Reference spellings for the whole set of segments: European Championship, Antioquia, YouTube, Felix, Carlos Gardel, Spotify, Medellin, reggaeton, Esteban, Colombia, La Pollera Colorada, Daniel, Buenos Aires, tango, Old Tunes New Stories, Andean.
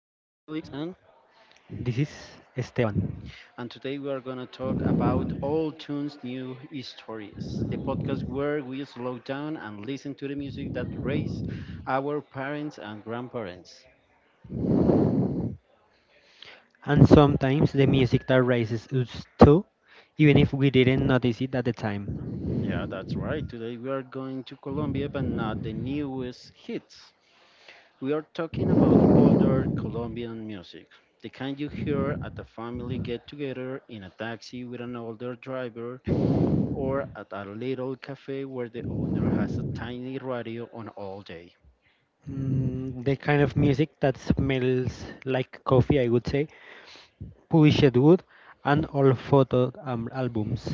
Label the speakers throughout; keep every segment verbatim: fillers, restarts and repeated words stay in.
Speaker 1: and
Speaker 2: This is Esteban.
Speaker 1: and today we are gonna talk about Old Tunes New Stories, the podcast where we slow down and listen to the music that raised our parents and grandparents.
Speaker 2: And sometimes the music that raises us too, even if we didn't notice it at the time.
Speaker 1: Yeah, that's right. Today we are going to Colombia but not the newest hits. We are talking about older Colombian music. The kind you hear at a family get together in a taxi with an older driver or at a little cafe where the owner has a tiny radio on all day.
Speaker 2: Mm, the kind of music that smells like coffee, I would say, polished wood, and old photo um, albums.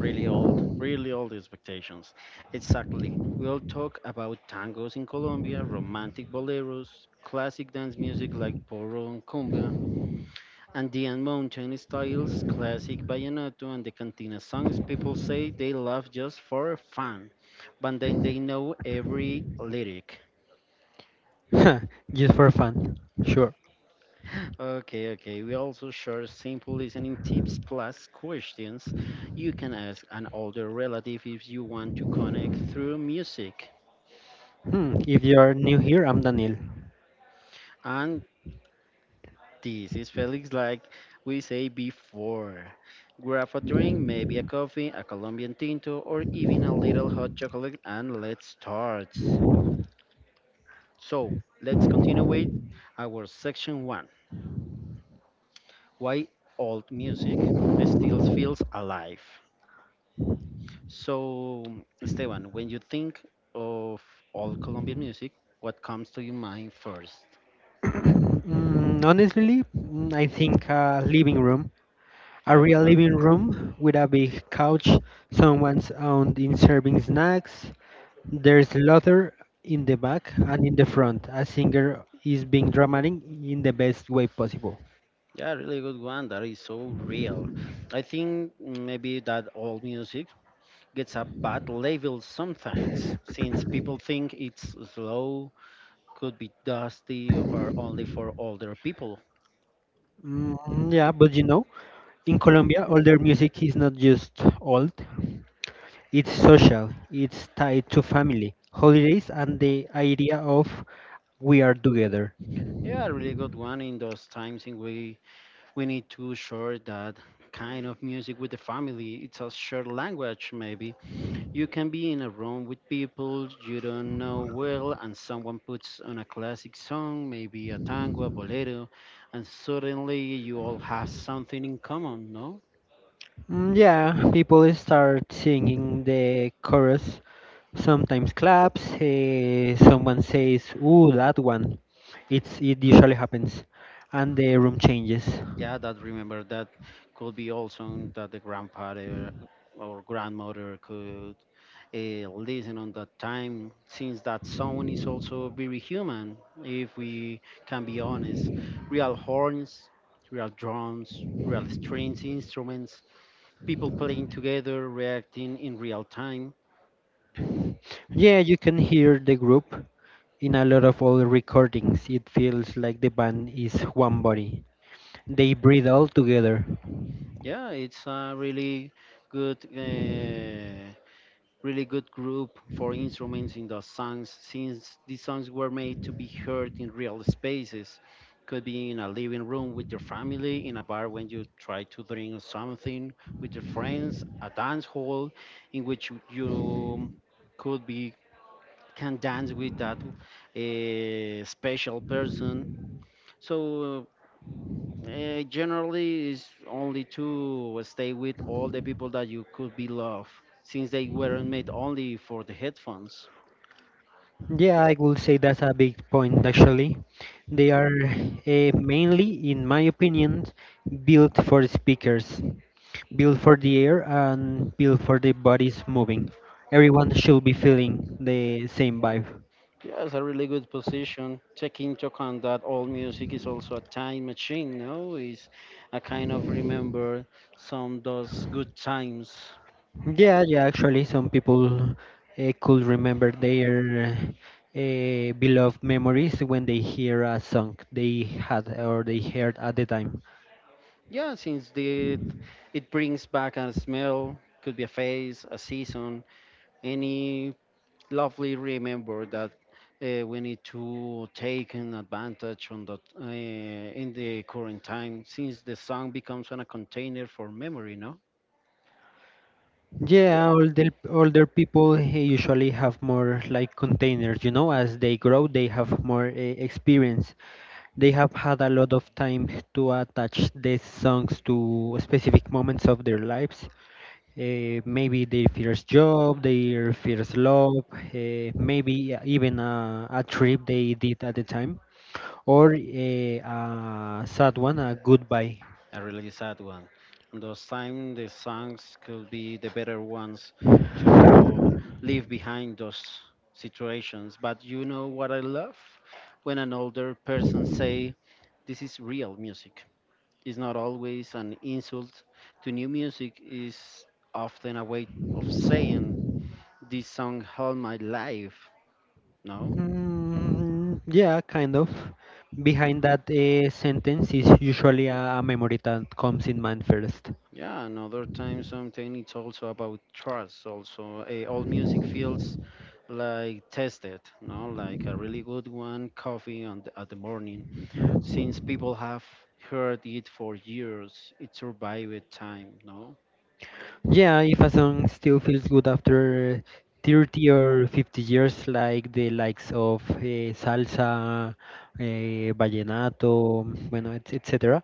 Speaker 1: Really old, really old expectations. Exactly. We'll talk about tangos in Colombia, romantic boleros, classic dance music like porro and cumbia, Andean mountain styles, classic vallenato, and the cantina songs people say they love just for fun, but then they know every lyric.
Speaker 2: Just for fun, sure.
Speaker 1: Okay, okay. We also share simple listening tips plus questions you can ask an older relative if you want to connect through music.
Speaker 2: Hmm, if you're new here, I'm Daniel.
Speaker 1: And this is Felix, like we say before. Grab a drink, maybe a coffee, a Colombian tinto, or even a little hot chocolate, and let's start. So, let's continue with our section one, why old music still feels alive. So, Esteban, when you think of all Colombian music, what comes to your mind first?
Speaker 2: Mm, honestly, mm, I think a living room A
Speaker 1: Yeah, good
Speaker 2: real
Speaker 1: one.
Speaker 2: living room with a big couch, someone's out in serving snacks. There's laughter in the back and in the front. A singer is being dramatic in the best way possible.
Speaker 1: Yeah, really good one. That is so real. I think maybe that all music gets a bad label sometimes, since people think it's slow, could be dusty, or only for older people.
Speaker 2: Mm, yeah, but you know, in Colombia, older music is not just old, it's social, it's tied to family, holidays, and the idea of we are together.
Speaker 1: Yeah, really good one in those times in we we need to share that kind of music with the family. It's a shared language, maybe. You can be in a room with people you don't know well, and someone puts on a classic song, maybe a tango, a bolero, and suddenly you all have something in common, no?
Speaker 2: Mm, yeah, people start singing the chorus, sometimes claps. Eh, someone says, "Ooh, that one." It's it usually happens, and the room changes.
Speaker 1: Yeah, that remember that could be all song that the grandfather or grandmother could uh, listen on that time, since that song is also very human, if we can be honest. Real horns, real drums, real strings, instruments people playing together, reacting in real time.
Speaker 2: Yeah, you can hear the group in a lot of old recordings. It feels like the band is one body. They breathe all together.
Speaker 1: Yeah, it's a really good, uh, really good group for instruments in the songs, since these songs were made to be heard in real spaces. Could be in a living room with your family, in a bar when you try to drink something with your friends, a dance hall in which you could be can dance with that uh, special person. So, Uh, generally, is only to stay with all the people that you could be love, since they weren't made only for the headphones.
Speaker 2: Yeah, I would say that's a big point actually. They are uh, mainly, in my opinion, built for speakers, built for the air and built for the bodies moving. Everyone should be feeling the same vibe.
Speaker 1: Yeah, it's a really good position. Take into account that all music is also a time machine. No, is a kind of remember some those good times.
Speaker 2: Yeah, yeah, actually, some people uh, could remember their uh, beloved memories when they hear a song they had or they heard at the time.
Speaker 1: Yeah, since the it brings back a smell, could be a face, a season, any lovely remember that uh, we need to take an advantage on the uh, in the current time, since the song becomes on a container for memory, no?
Speaker 2: Yeah, older, older people eh, usually have more like containers, you know, as they grow, they have more uh, experience. They have had a lot of time to attach these songs to specific moments of their lives. Uh, maybe their first job, their first love, uh, maybe uh, even a, a trip they did at the time, or a, a sad one, a goodbye.
Speaker 1: A really sad one on those time, the songs could be the better ones to leave behind those situations. But you know what I love, when an older person say this is real music, is not always an insult to new music, is often a way of saying this song held my life, no?
Speaker 2: Mm, yeah, kind of. Behind that uh, sentence is usually a, a memory that comes in mind first.
Speaker 1: Yeah, another time, something, it's also about trust also, eh, all music feels like tested, no, like a really good one coffee on the, at the morning, since people have heard it for years, it survived time, no?
Speaker 2: Yeah, if a song still feels good after thirty or fifty years, like the likes of eh, salsa, eh, vallenato, bueno, et- etc.,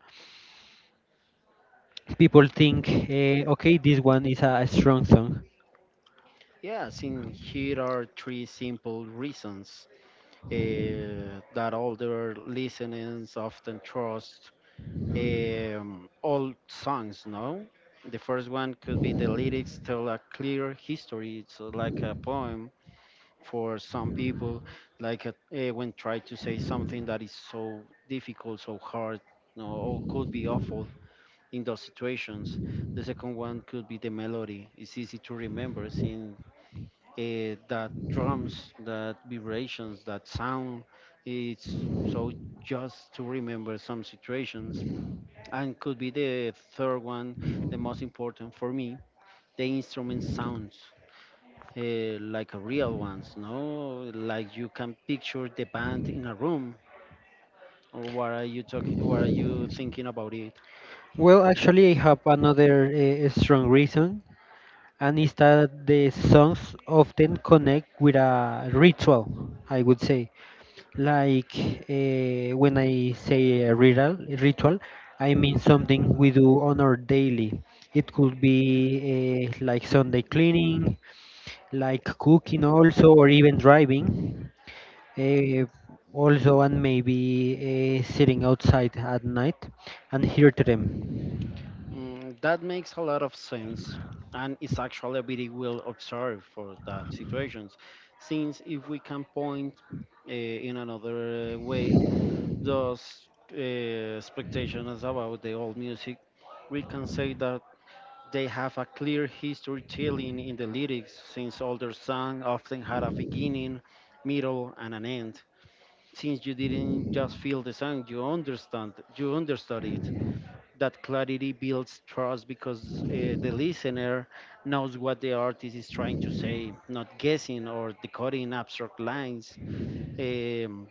Speaker 2: people think, eh, okay, this one is a strong song.
Speaker 1: Yeah, since here are three simple reasons uh, that all their listenings often trust um, old songs, no? The first one could be the lyrics tell a clear history. It's like a poem for some people, like a, eh, when try to say something that is so difficult, so hard, no, or could be awful in those situations. The second one could be the melody. It's easy to remember, since eh, that drums, that vibrations, that sound. It's so just to remember some situations. And could be the third one, the most important for me, the instrument sounds. Uh, like a real ones, no? Like you can picture the band in a room, or what are you talking? What are you thinking about it?
Speaker 2: Well, actually, I have another eh, strong reason, and is that the songs often connect with a ritual, I would say. Like, uh, when I say a ritual, ritual, I mean something we do on our daily. It could be uh, like Sunday cleaning, like cooking also, or even driving. Uh, Also, and maybe uh, sitting outside at night and hear to them.
Speaker 1: Mm, that makes a lot of sense, and it's actually a very well observed for that situations, since if we can point uh, in another way those uh, expectations about the old music, we can say that they have a clear history telling in the lyrics, since older songs often had a beginning, middle, and an end. Since you didn't just feel the song, you understand, you understood it, that clarity builds trust because uh, the listener knows what the artist is trying to say, not guessing or decoding abstract lines, um,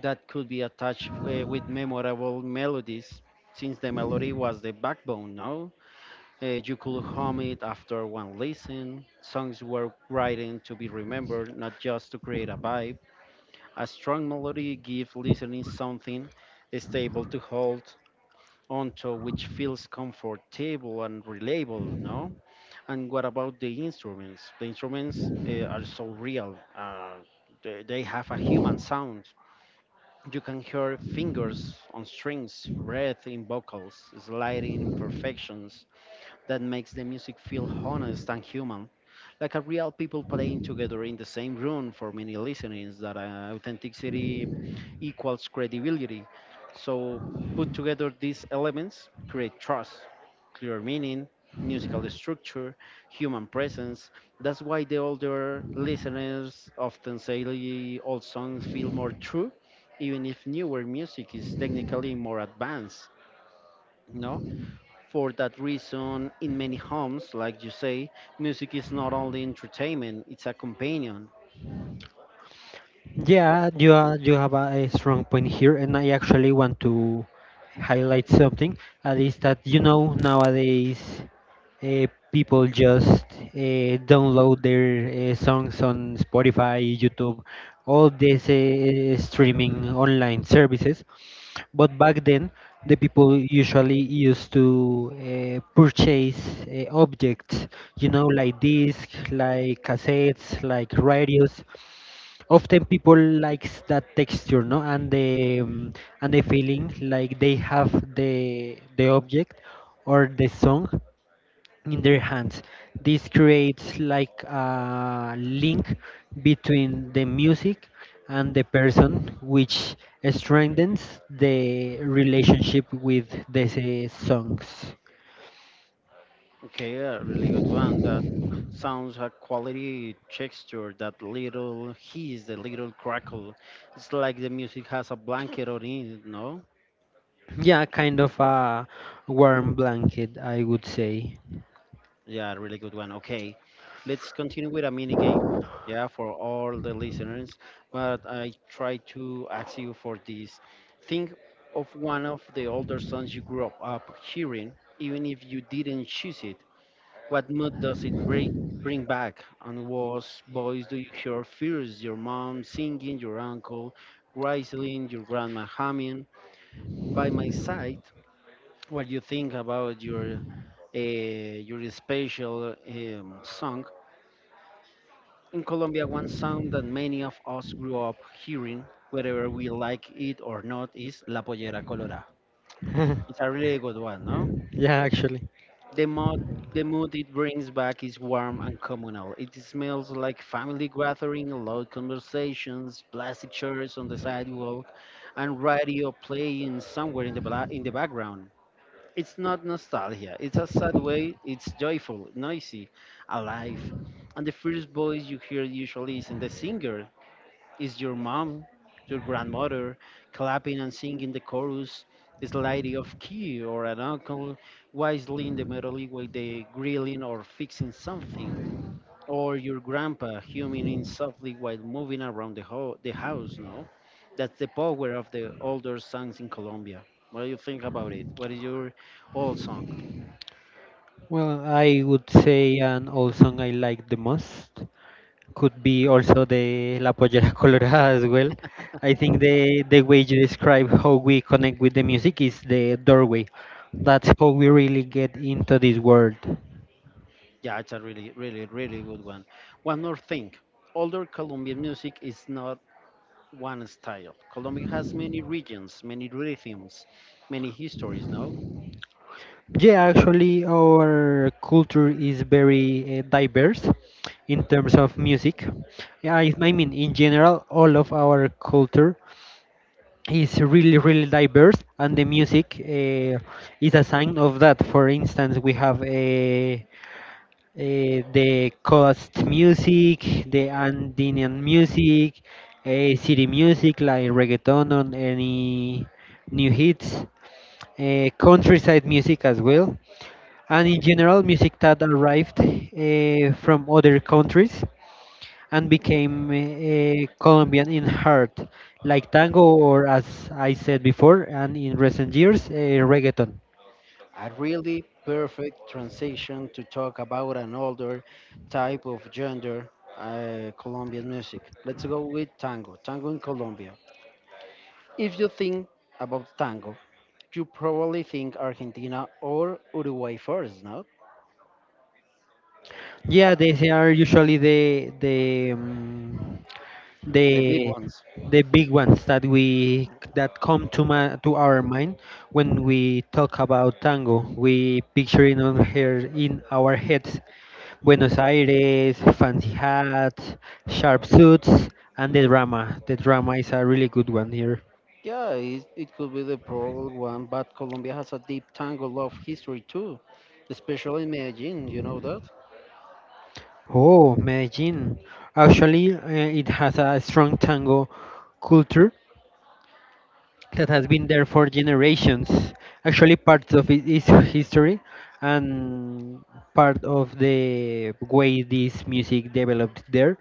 Speaker 1: that could be attached uh, with memorable melodies, since the melody was the backbone. Now you could hum it after one listen. Songs were written to be remembered, not just to create a vibe. A strong melody gives listening something stable to hold onto, which feels comfortable and reliable, no? And what about the instruments? The instruments uh, are so real. Uh, they, they have a human sound. You can hear fingers on strings, breath in vocals, sliding imperfections, that makes the music feel honest and human, like a real people playing together in the same room. For many listeners that uh, authenticity equals credibility. So, put together these elements, create trust, clear meaning, musical structure, human presence. That's why the older listeners often say the old songs feel more true, even if newer music is technically more advanced. No? For that reason, in many homes, like you say, music is not only entertainment, it's a companion.
Speaker 2: Yeah, you are, you have a, a strong point here, and I actually want to highlight something. At least that you know nowadays. uh, People just uh, download their uh, songs on Spotify, YouTube, all these uh, streaming online services. But back then, the people usually used to uh, purchase uh, objects, you know, like discs, like cassettes, like radios. Often people likes that texture, no, and the um, and the feeling like they have the the object or the song in their hands. This creates like a link between the music and the person, which strengthens the relationship with these songs.
Speaker 1: Okay, a really good one. That sounds a quality texture, that little hiss, the little crackle. It's like the music has a blanket on it, no?
Speaker 2: Yeah, kind of a warm blanket, I would say.
Speaker 1: Yeah, really good one. Okay, let's continue with a mini game. Yeah, for all the listeners, but I try to ask you for this. Think of one of the older songs you grew up, up hearing, even if you didn't choose it. What mood does it break, bring back? And what voice do you hear first? Your mom singing, your uncle whistling, your grandma humming. By my side, what you think about your uh, your special um, song. In Colombia, one sound that many of us grew up hearing, whether we like it or not, is La Pollera Colorada. It's a really good one, no?
Speaker 2: Yeah, actually.
Speaker 1: The mood, the mood it brings back is warm and communal. It smells like family gathering, loud conversations, plastic chairs on the sidewalk, and radio playing somewhere in the, bla- in the background. It's not nostalgia. It's a sad way. It's joyful, noisy, alive, and the first voice you hear usually isn't the singer. Is your mom, your grandmother, clapping and singing the chorus, is the lady of key or an uncle wisely in the middle while they grilling or fixing something? Or your grandpa humming in softly while moving around the, ho- the house, no? That's the power of the older songs in Colombia. What do you think about it? What is your old song?
Speaker 2: Well, I would say an old song I like the most could be also the La Pollera Colorada as well. I think the the way you describe how we connect with the music is the doorway. That's how we really get into this world.
Speaker 1: Yeah, it's a really, really, really good one. One more thing, older Colombian music is not one style. Colombia has many regions, many rhythms, many histories, no?
Speaker 2: Yeah, actually, our culture is very uh, diverse in terms of music. Yeah, I, I mean, in general, all of our culture is really, really diverse, and the music uh, is a sign of that. For instance, we have uh, eh, the coast music, the Andean music, eh, city music like reggaeton on any new hits, eh, countryside music as well, and in general music that arrived eh, from other countries and became eh, Colombian in heart, like tango, or as I said before, and in recent years, eh, reggaeton.
Speaker 1: A really perfect transition to talk about an older type of gender, uh, Colombian music. Let's go with tango, tango in Colombia. If you think about tango, you probably think Argentina or Uruguay first, no?
Speaker 2: Yeah, these are usually the the. Um,
Speaker 1: The big
Speaker 2: the
Speaker 1: ones.
Speaker 2: the big ones that we that come to my to our mind. When we talk about tango, we picture it on her in our heads. Buenos Aires, fancy hats, sharp suits, and the drama the drama is a really good one here.
Speaker 1: Yeah, it, it could be the probable one, but Colombia has a deep tango love history too, especially in Medellin, you know that?
Speaker 2: Oh, Medellin actually uh, it has a strong tango culture that has been there for generations. Actually, parts of it is history, and part of the way this music developed there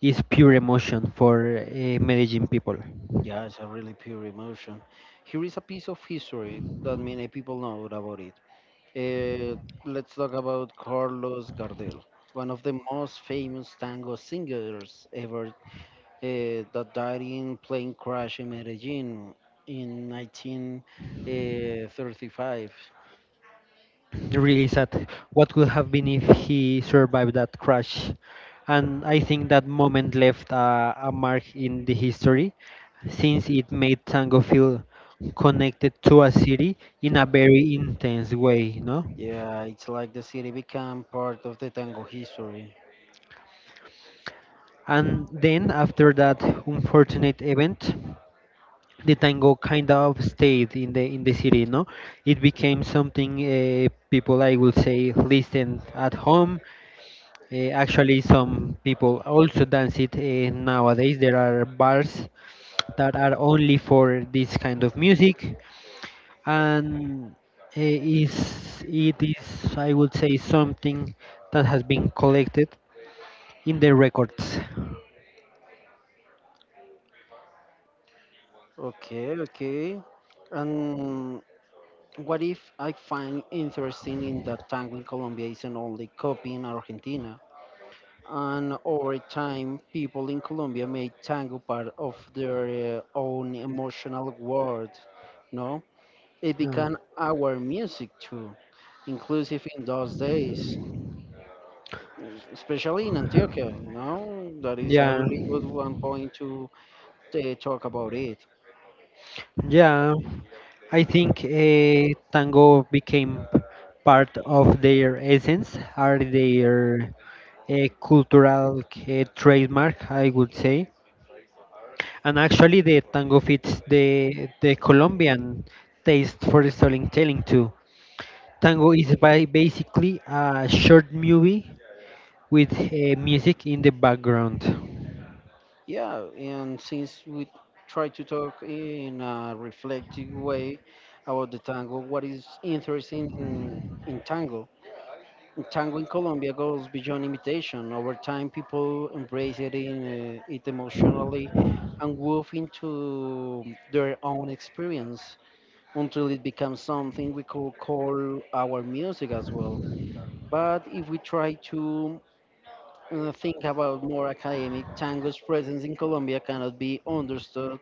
Speaker 2: is pure emotion for uh, Medellin people.
Speaker 1: Yeah, it's a really pure emotion. Here is a piece of history that many people know about it. Uh, let's talk about Carlos Gardel, one of the most famous tango singers ever, uh, that died in plane crash in Medellin in nineteen thirty-five.
Speaker 2: Really sad. What could have been if he survived that crash? And I think that moment left a, a mark in the history, since it made tango feel connected to a city in a very intense way. No.
Speaker 1: Yeah, it's like the city became part of the tango history.
Speaker 2: And then after that unfortunate event, the tango kind of stayed in the in the city. No, it became something uh, people I will say listen at home. Uh, actually, some people also dance it uh, nowadays. There are bars that are only for this kind of music, and uh, is it is I would say something that has been collected in the records.
Speaker 1: Okay, okay. And what if I find interesting in that tango in Colombia isn't only copying Argentina? And over time, people in Colombia made tango part of their uh, own emotional world. No, it
Speaker 2: Yeah.
Speaker 1: became our music too, inclusive in those days, especially in Antioquia. You know, that is a
Speaker 2: Yeah.
Speaker 1: really good one point to uh, talk about it.
Speaker 2: Yeah, I think uh, tango became part of their essence, are their uh, cultural uh, trademark, I would say. And actually, the tango fits the the Colombian taste for storytelling too. Tango is by basically a short movie with uh, music in the background.
Speaker 1: Yeah, and since we try to talk in a reflective way about the tango, what is interesting in, in tango? Tango in Colombia goes beyond imitation. Over time, people embrace it, in, uh, it emotionally and wove into their own experience until it becomes something we could call our music as well. But if we try to uh, think about more academic, tango's presence in Colombia cannot be understood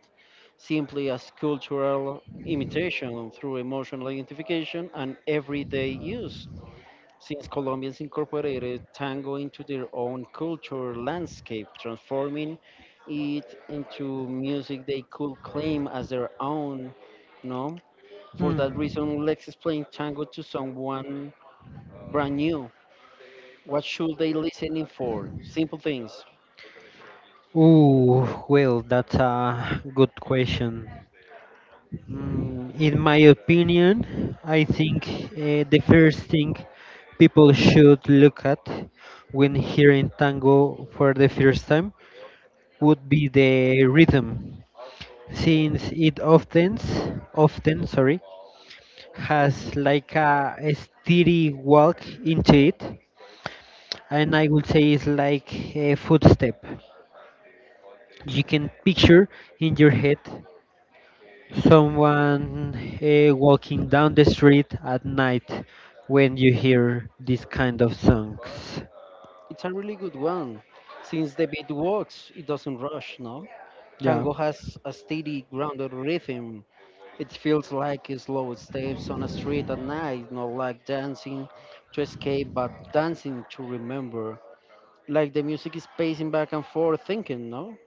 Speaker 1: simply as cultural imitation through emotional identification and everyday use. Since Colombians incorporated tango into their own culture landscape, transforming it into music they could claim as their own, no? For that
Speaker 2: Hmm.
Speaker 1: reason, let's explain tango to someone brand new. What should they listening for? Simple things.
Speaker 2: Ooh, well, that's a good question. Mm, in my opinion, I think uh, the first thing people should look at when hearing tango for the first time would be the rhythm, since it often, often, sorry, has like a, a steady walk into it, and I would say it's like a footstep. You can picture in your head someone uh, walking down the street at night when you hear this kind of songs.
Speaker 1: It's a really good one. Since the beat works, it doesn't rush, no?
Speaker 2: Yeah,
Speaker 1: Tango has a steady, grounded rhythm. It feels like slow steps on a street at night, not like dancing to escape, but dancing to remember. Like the music is pacing back and forth, thinking, no?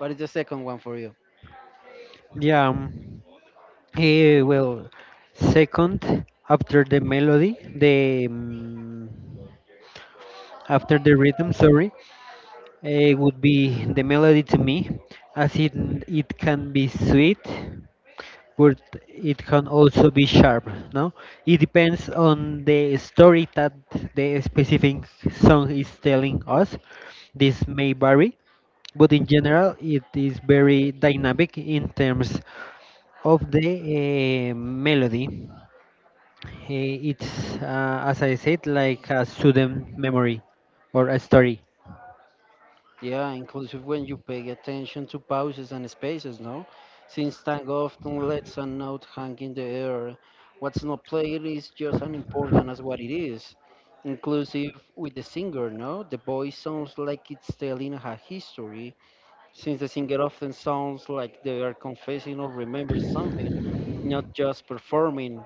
Speaker 1: What is the second one for you?
Speaker 2: yeah. um, eh, Well, second after the melody, the um, after the rhythm, sorry, eh, would be the melody to me, as it it can be sweet, but it can also be sharp. No, it depends on the story that the specific song is telling us. This may vary, but in general it is very dynamic in terms of the uh, melody. Eh, it's uh, as I said, like a sudden memory or a story.
Speaker 1: Yeah, inclusive when you pay attention to pauses and spaces, no? Since tango often lets a note hang in the air, what's not played is just as important as what it is. Inclusive with the singer, no? The voice sounds like it's telling a history, since the singer often sounds like they are confessing or remembering something, not just performing.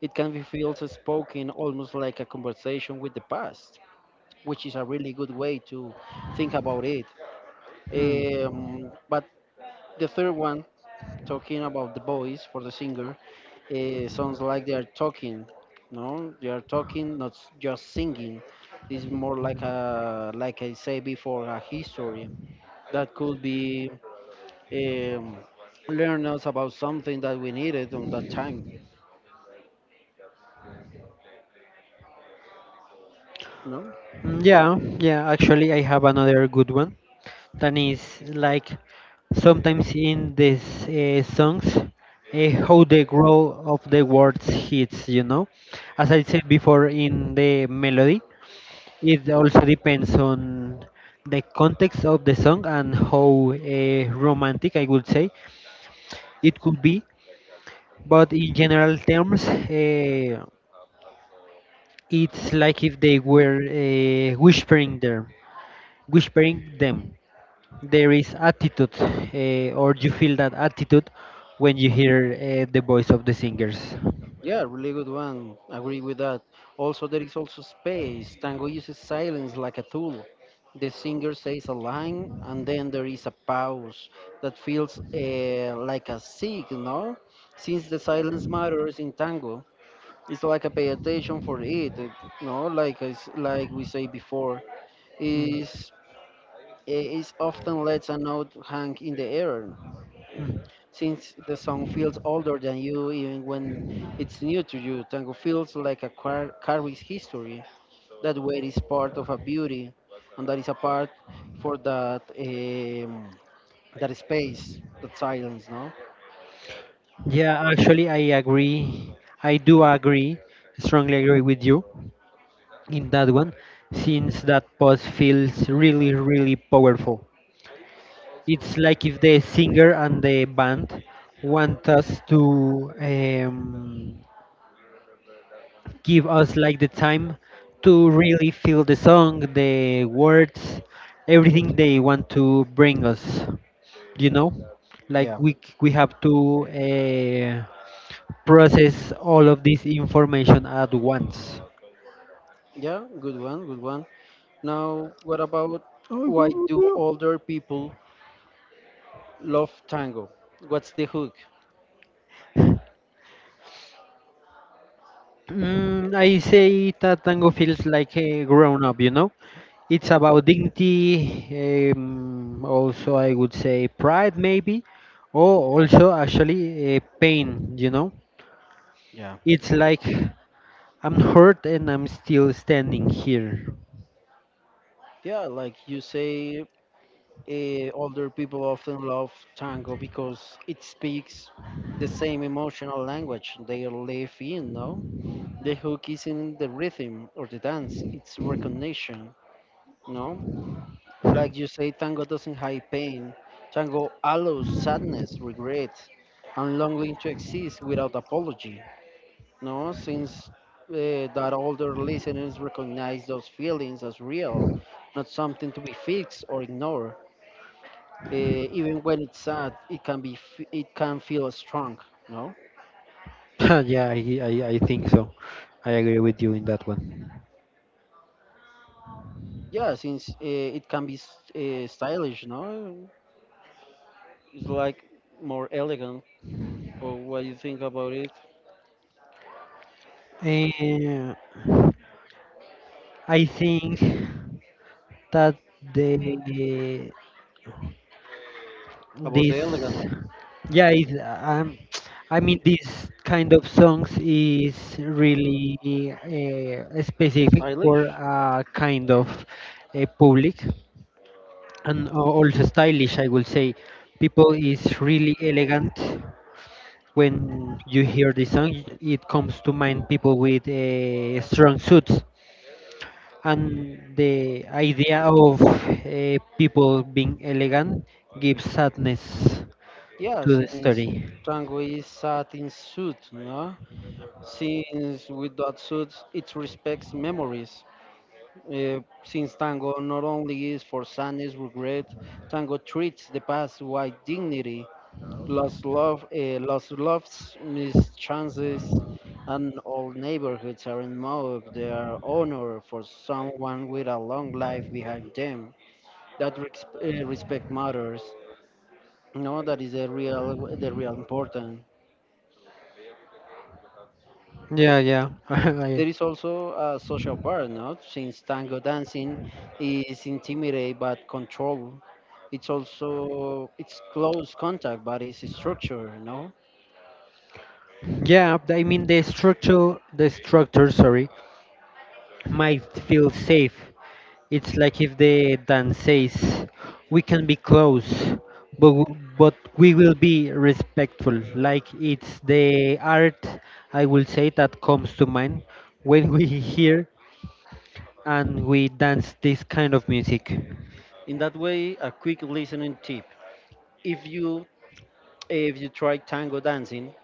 Speaker 1: It can be felt as spoken almost like a conversation with the past, which is a really good way to think about it.
Speaker 2: Mm.
Speaker 1: Um, but the third one, talking about the voice for the singer, uh, sounds like they are talking. No, they are talking, not s- just singing. It's more like a, like I say before, a history that could be um, learn us about something that we needed on that time. No.
Speaker 2: Mm, yeah yeah Actually, I have another good one. That is, like, sometimes in these uh, songs, uh, how the grow of the words hits, you know. As I said before, in the melody, it also depends on the context of the song and how uh, romantic I would say it could be. But in general terms, uh, it's like if they were uh, whispering there, whispering them. There is attitude, uh, or you feel that attitude when you hear uh, the voice of the singers.
Speaker 1: Yeah, really good one. Agree with that. Also, there is also space. Tango uses silence like a tool. The singer says a line, and then there is a pause that feels uh, like a signal. Since the silence matters in tango, it's like a pay attention for it. You know, like I s like we say before,
Speaker 2: Mm.
Speaker 1: is eh, is often lets a note hang in the air eh, since the song feels older than you even when it's new to you. Tango feels like a car- carries history. That weight is part of a beauty, and that is a part for that um, that space, that silence, no?
Speaker 2: Yeah, actually, I agree. I do agree, strongly agree with you in that one, since that pause feels really, really powerful. It's like if the singer and the band want us to, um, give us like the time to really feel the song, the words, everything they want to bring us. You know, like
Speaker 1: Yeah,
Speaker 2: we c- we have to uh, process all of this information at once.
Speaker 1: yeah, good one, good one. Now, what about why
Speaker 2: I
Speaker 1: do older people love tango? What's the hook?
Speaker 2: Mm, I say that tango feels like a grown up, you know? It's about dignity, um, also, I would say pride, maybe, or also actually uh, pain, you know?
Speaker 1: Yeah.
Speaker 2: It's like, I'm hurt and I'm still standing here.
Speaker 1: Yeah, like you say, eh, older people often love tango because it speaks the same emotional language they live in, no? The hook isn't the rhythm or the dance, it's recognition, no? Like you say, tango doesn't hide pain. Tango allows sadness, regret, and longing to exist without apology, no? Since uh, that older listeners recognize those feelings as real, not something to be fixed or ignored, uh, even when it's sad it can be f- it can feel strong, no?
Speaker 2: yeah, I, I, I think so. I agree with you in that one.
Speaker 1: Yeah, since uh, it can be uh, stylish, no? It's like more elegant, or what do you think about it,
Speaker 2: Eh, I think that the
Speaker 1: about
Speaker 2: this
Speaker 1: the elegant,
Speaker 2: Yeah, is um, I mean this kind of songs is really uh, specific
Speaker 1: stylish?
Speaker 2: for a kind of a public and a- also stylish, I would say, people is really elegant. When you hear this song, it comes to mind people with uh, strong suits, and the idea of uh, people being elegant gives sadness
Speaker 1: Yeah,
Speaker 2: to the
Speaker 1: since
Speaker 2: story.
Speaker 1: tango is satin suit, no? Since with that suit it respects memories. Uh, since tango not only is for sadness, regret, tango treats the past with dignity, lost love, uh, lost loves, missed chances, and all neighborhoods are in mourning. They are honor for someone with a long life behind them. That resp- uh, respect matters. No, that is the real, the real important.
Speaker 2: Yeah, yeah, I-
Speaker 1: There is also a social part, no? Since tango dancing is intimidate but controlled, it's also it's close contact but it's structured, no?
Speaker 2: yeah. I mean the structure, the structure, sorry, might feel safe. It's like if the Dan says, we can be close, but, w- but we will be respectful. Like it's the art, I will say, that comes to mind when we hear and we dance this kind of music.
Speaker 1: In that way, a quick listening tip: if you if you try tango dancing,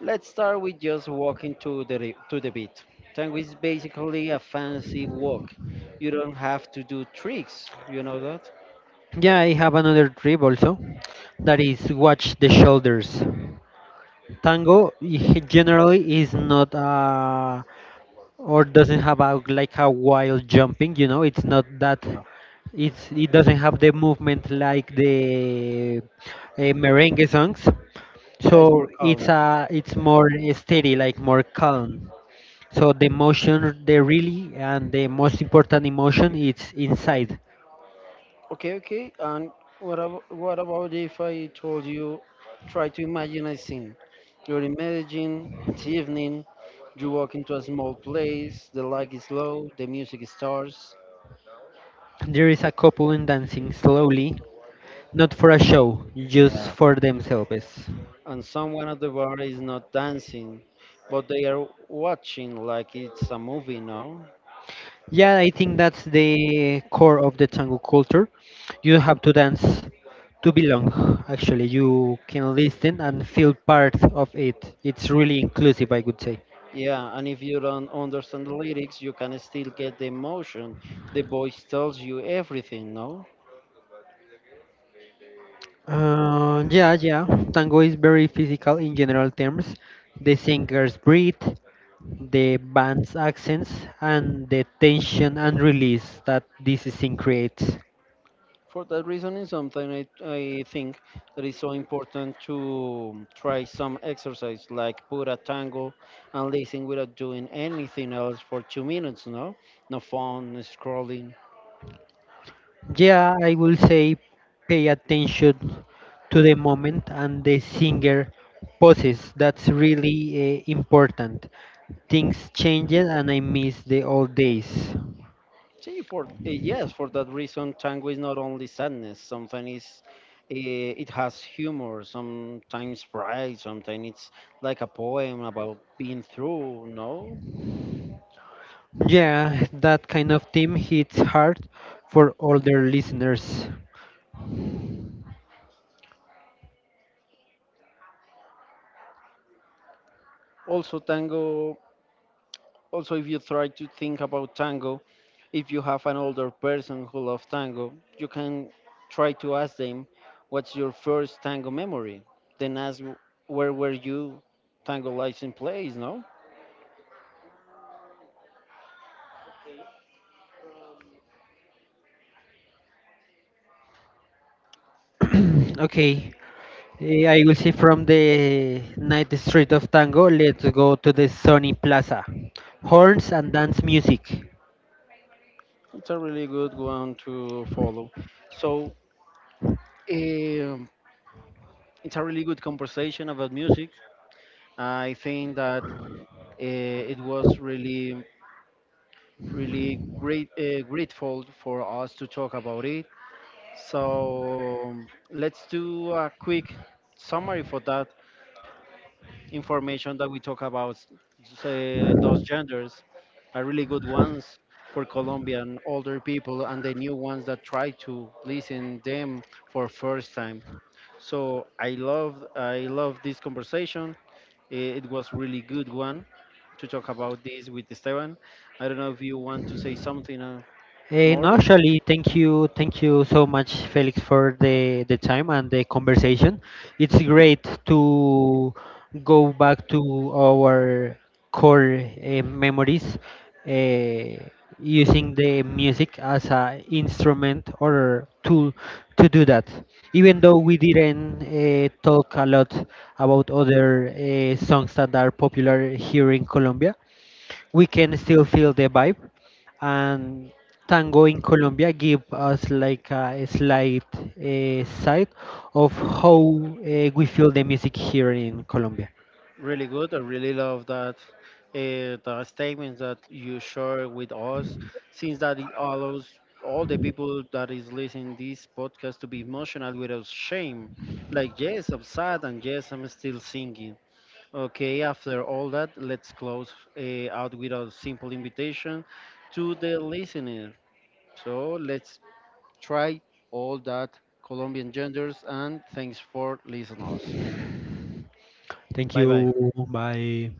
Speaker 1: let's start with just walking to the ri- to the beat. Tango is basically a fancy walk. You don't have to do tricks. You know that?
Speaker 2: Yeah, I have another trip also, that is watch the shoulders. Tango i- generally is not a, or doesn't have a, like a wild jumping, you know, it's not that,
Speaker 1: Yeah.
Speaker 2: it's it doesn't have the movement like the uh, merengue songs.
Speaker 1: Yeah, it's more
Speaker 2: So
Speaker 1: calm.
Speaker 2: it's uh it's more steady, like more calm. So the emotion, the really and the most important emotion, it's inside.
Speaker 1: Okay, okay. And what about, what about if I told you try to imagine a scene? You're in Medellin, it's evening, you walk into a small place, the light is low, the music starts.
Speaker 2: There is a couple in dancing slowly, not for a show, just
Speaker 1: Yeah.
Speaker 2: for themselves.
Speaker 1: And someone at the bar is not dancing, but they are watching like it's a movie, no?
Speaker 2: Yeah, I think that's the core of the tango culture. You have to dance to belong. Actually, you can listen and feel part of it. It's really inclusive, I would say.
Speaker 1: Yeah, and if you don't understand the lyrics, you can still get the emotion. The voice tells you everything, no?
Speaker 2: Uh, yeah, yeah. Tango is very physical in general terms. The singer's breathe, the band's accents, and the tension and release that this scene creates.
Speaker 1: For that reason, is something I, I think that is so important to try some exercise like pura tango and listen without doing anything else for two minutes, no? No phone, no scrolling.
Speaker 2: Yeah, I will say pay attention to the moment and the singer poses. That's really uh, important. Things change, and I miss the old days.
Speaker 1: See, for eh, yes, for that reason, tango is not only sadness. Sometimes is eh, it has humor, sometimes pride, sometimes it's like a poem about being through, no?
Speaker 2: Yeah, that kind of theme hits hard for older listeners.
Speaker 1: Also, tango. Also, if you try to think about tango, if you have an older person who loves tango, you can try to ask them, what's your first tango memory? Then ask, where were you tango license plays? No?
Speaker 2: Okay, eh, I will say from the night street of tango, let's go to the sunny plaza. Horns and dance music.
Speaker 1: It's a really good one to follow. So, um, it's a really good conversation about music. I think that uh, it was really, really great, uh, grateful for us to talk about it. So, let's do a quick summary for that information that we talk about, say, those genders are really good ones for Colombian older people and the new ones that try to listen them for first time. So I love I love this conversation. I- It was really good one to talk about this with Esteban. I don't know if you want to say something uh,
Speaker 2: Eh, no,
Speaker 1: more.
Speaker 2: actually, thank you, thank you so much, Felix, for the the time and the conversation. It's great to go back to our core uh, memories, uh, using the music as a instrument or tool to do that. Even though we didn't uh, talk a lot about other uh, songs that are popular here in Colombia, we can still feel the vibe, and tango in Colombia give us like a slight uh, sight of how uh, we feel the music here in Colombia.
Speaker 1: Really good. I really love that uh, the statements that you share with us, since that it allows all the people that is listening this podcast to be emotional without shame. Like yes, I'm sad, and yes, I'm still singing. Okay, after all that, let's close uh, out with a simple invitation to the listener. So let's try all that Colombian genders, and thanks for listening us.
Speaker 2: Thank
Speaker 1: Bye bye.
Speaker 2: you. Bye.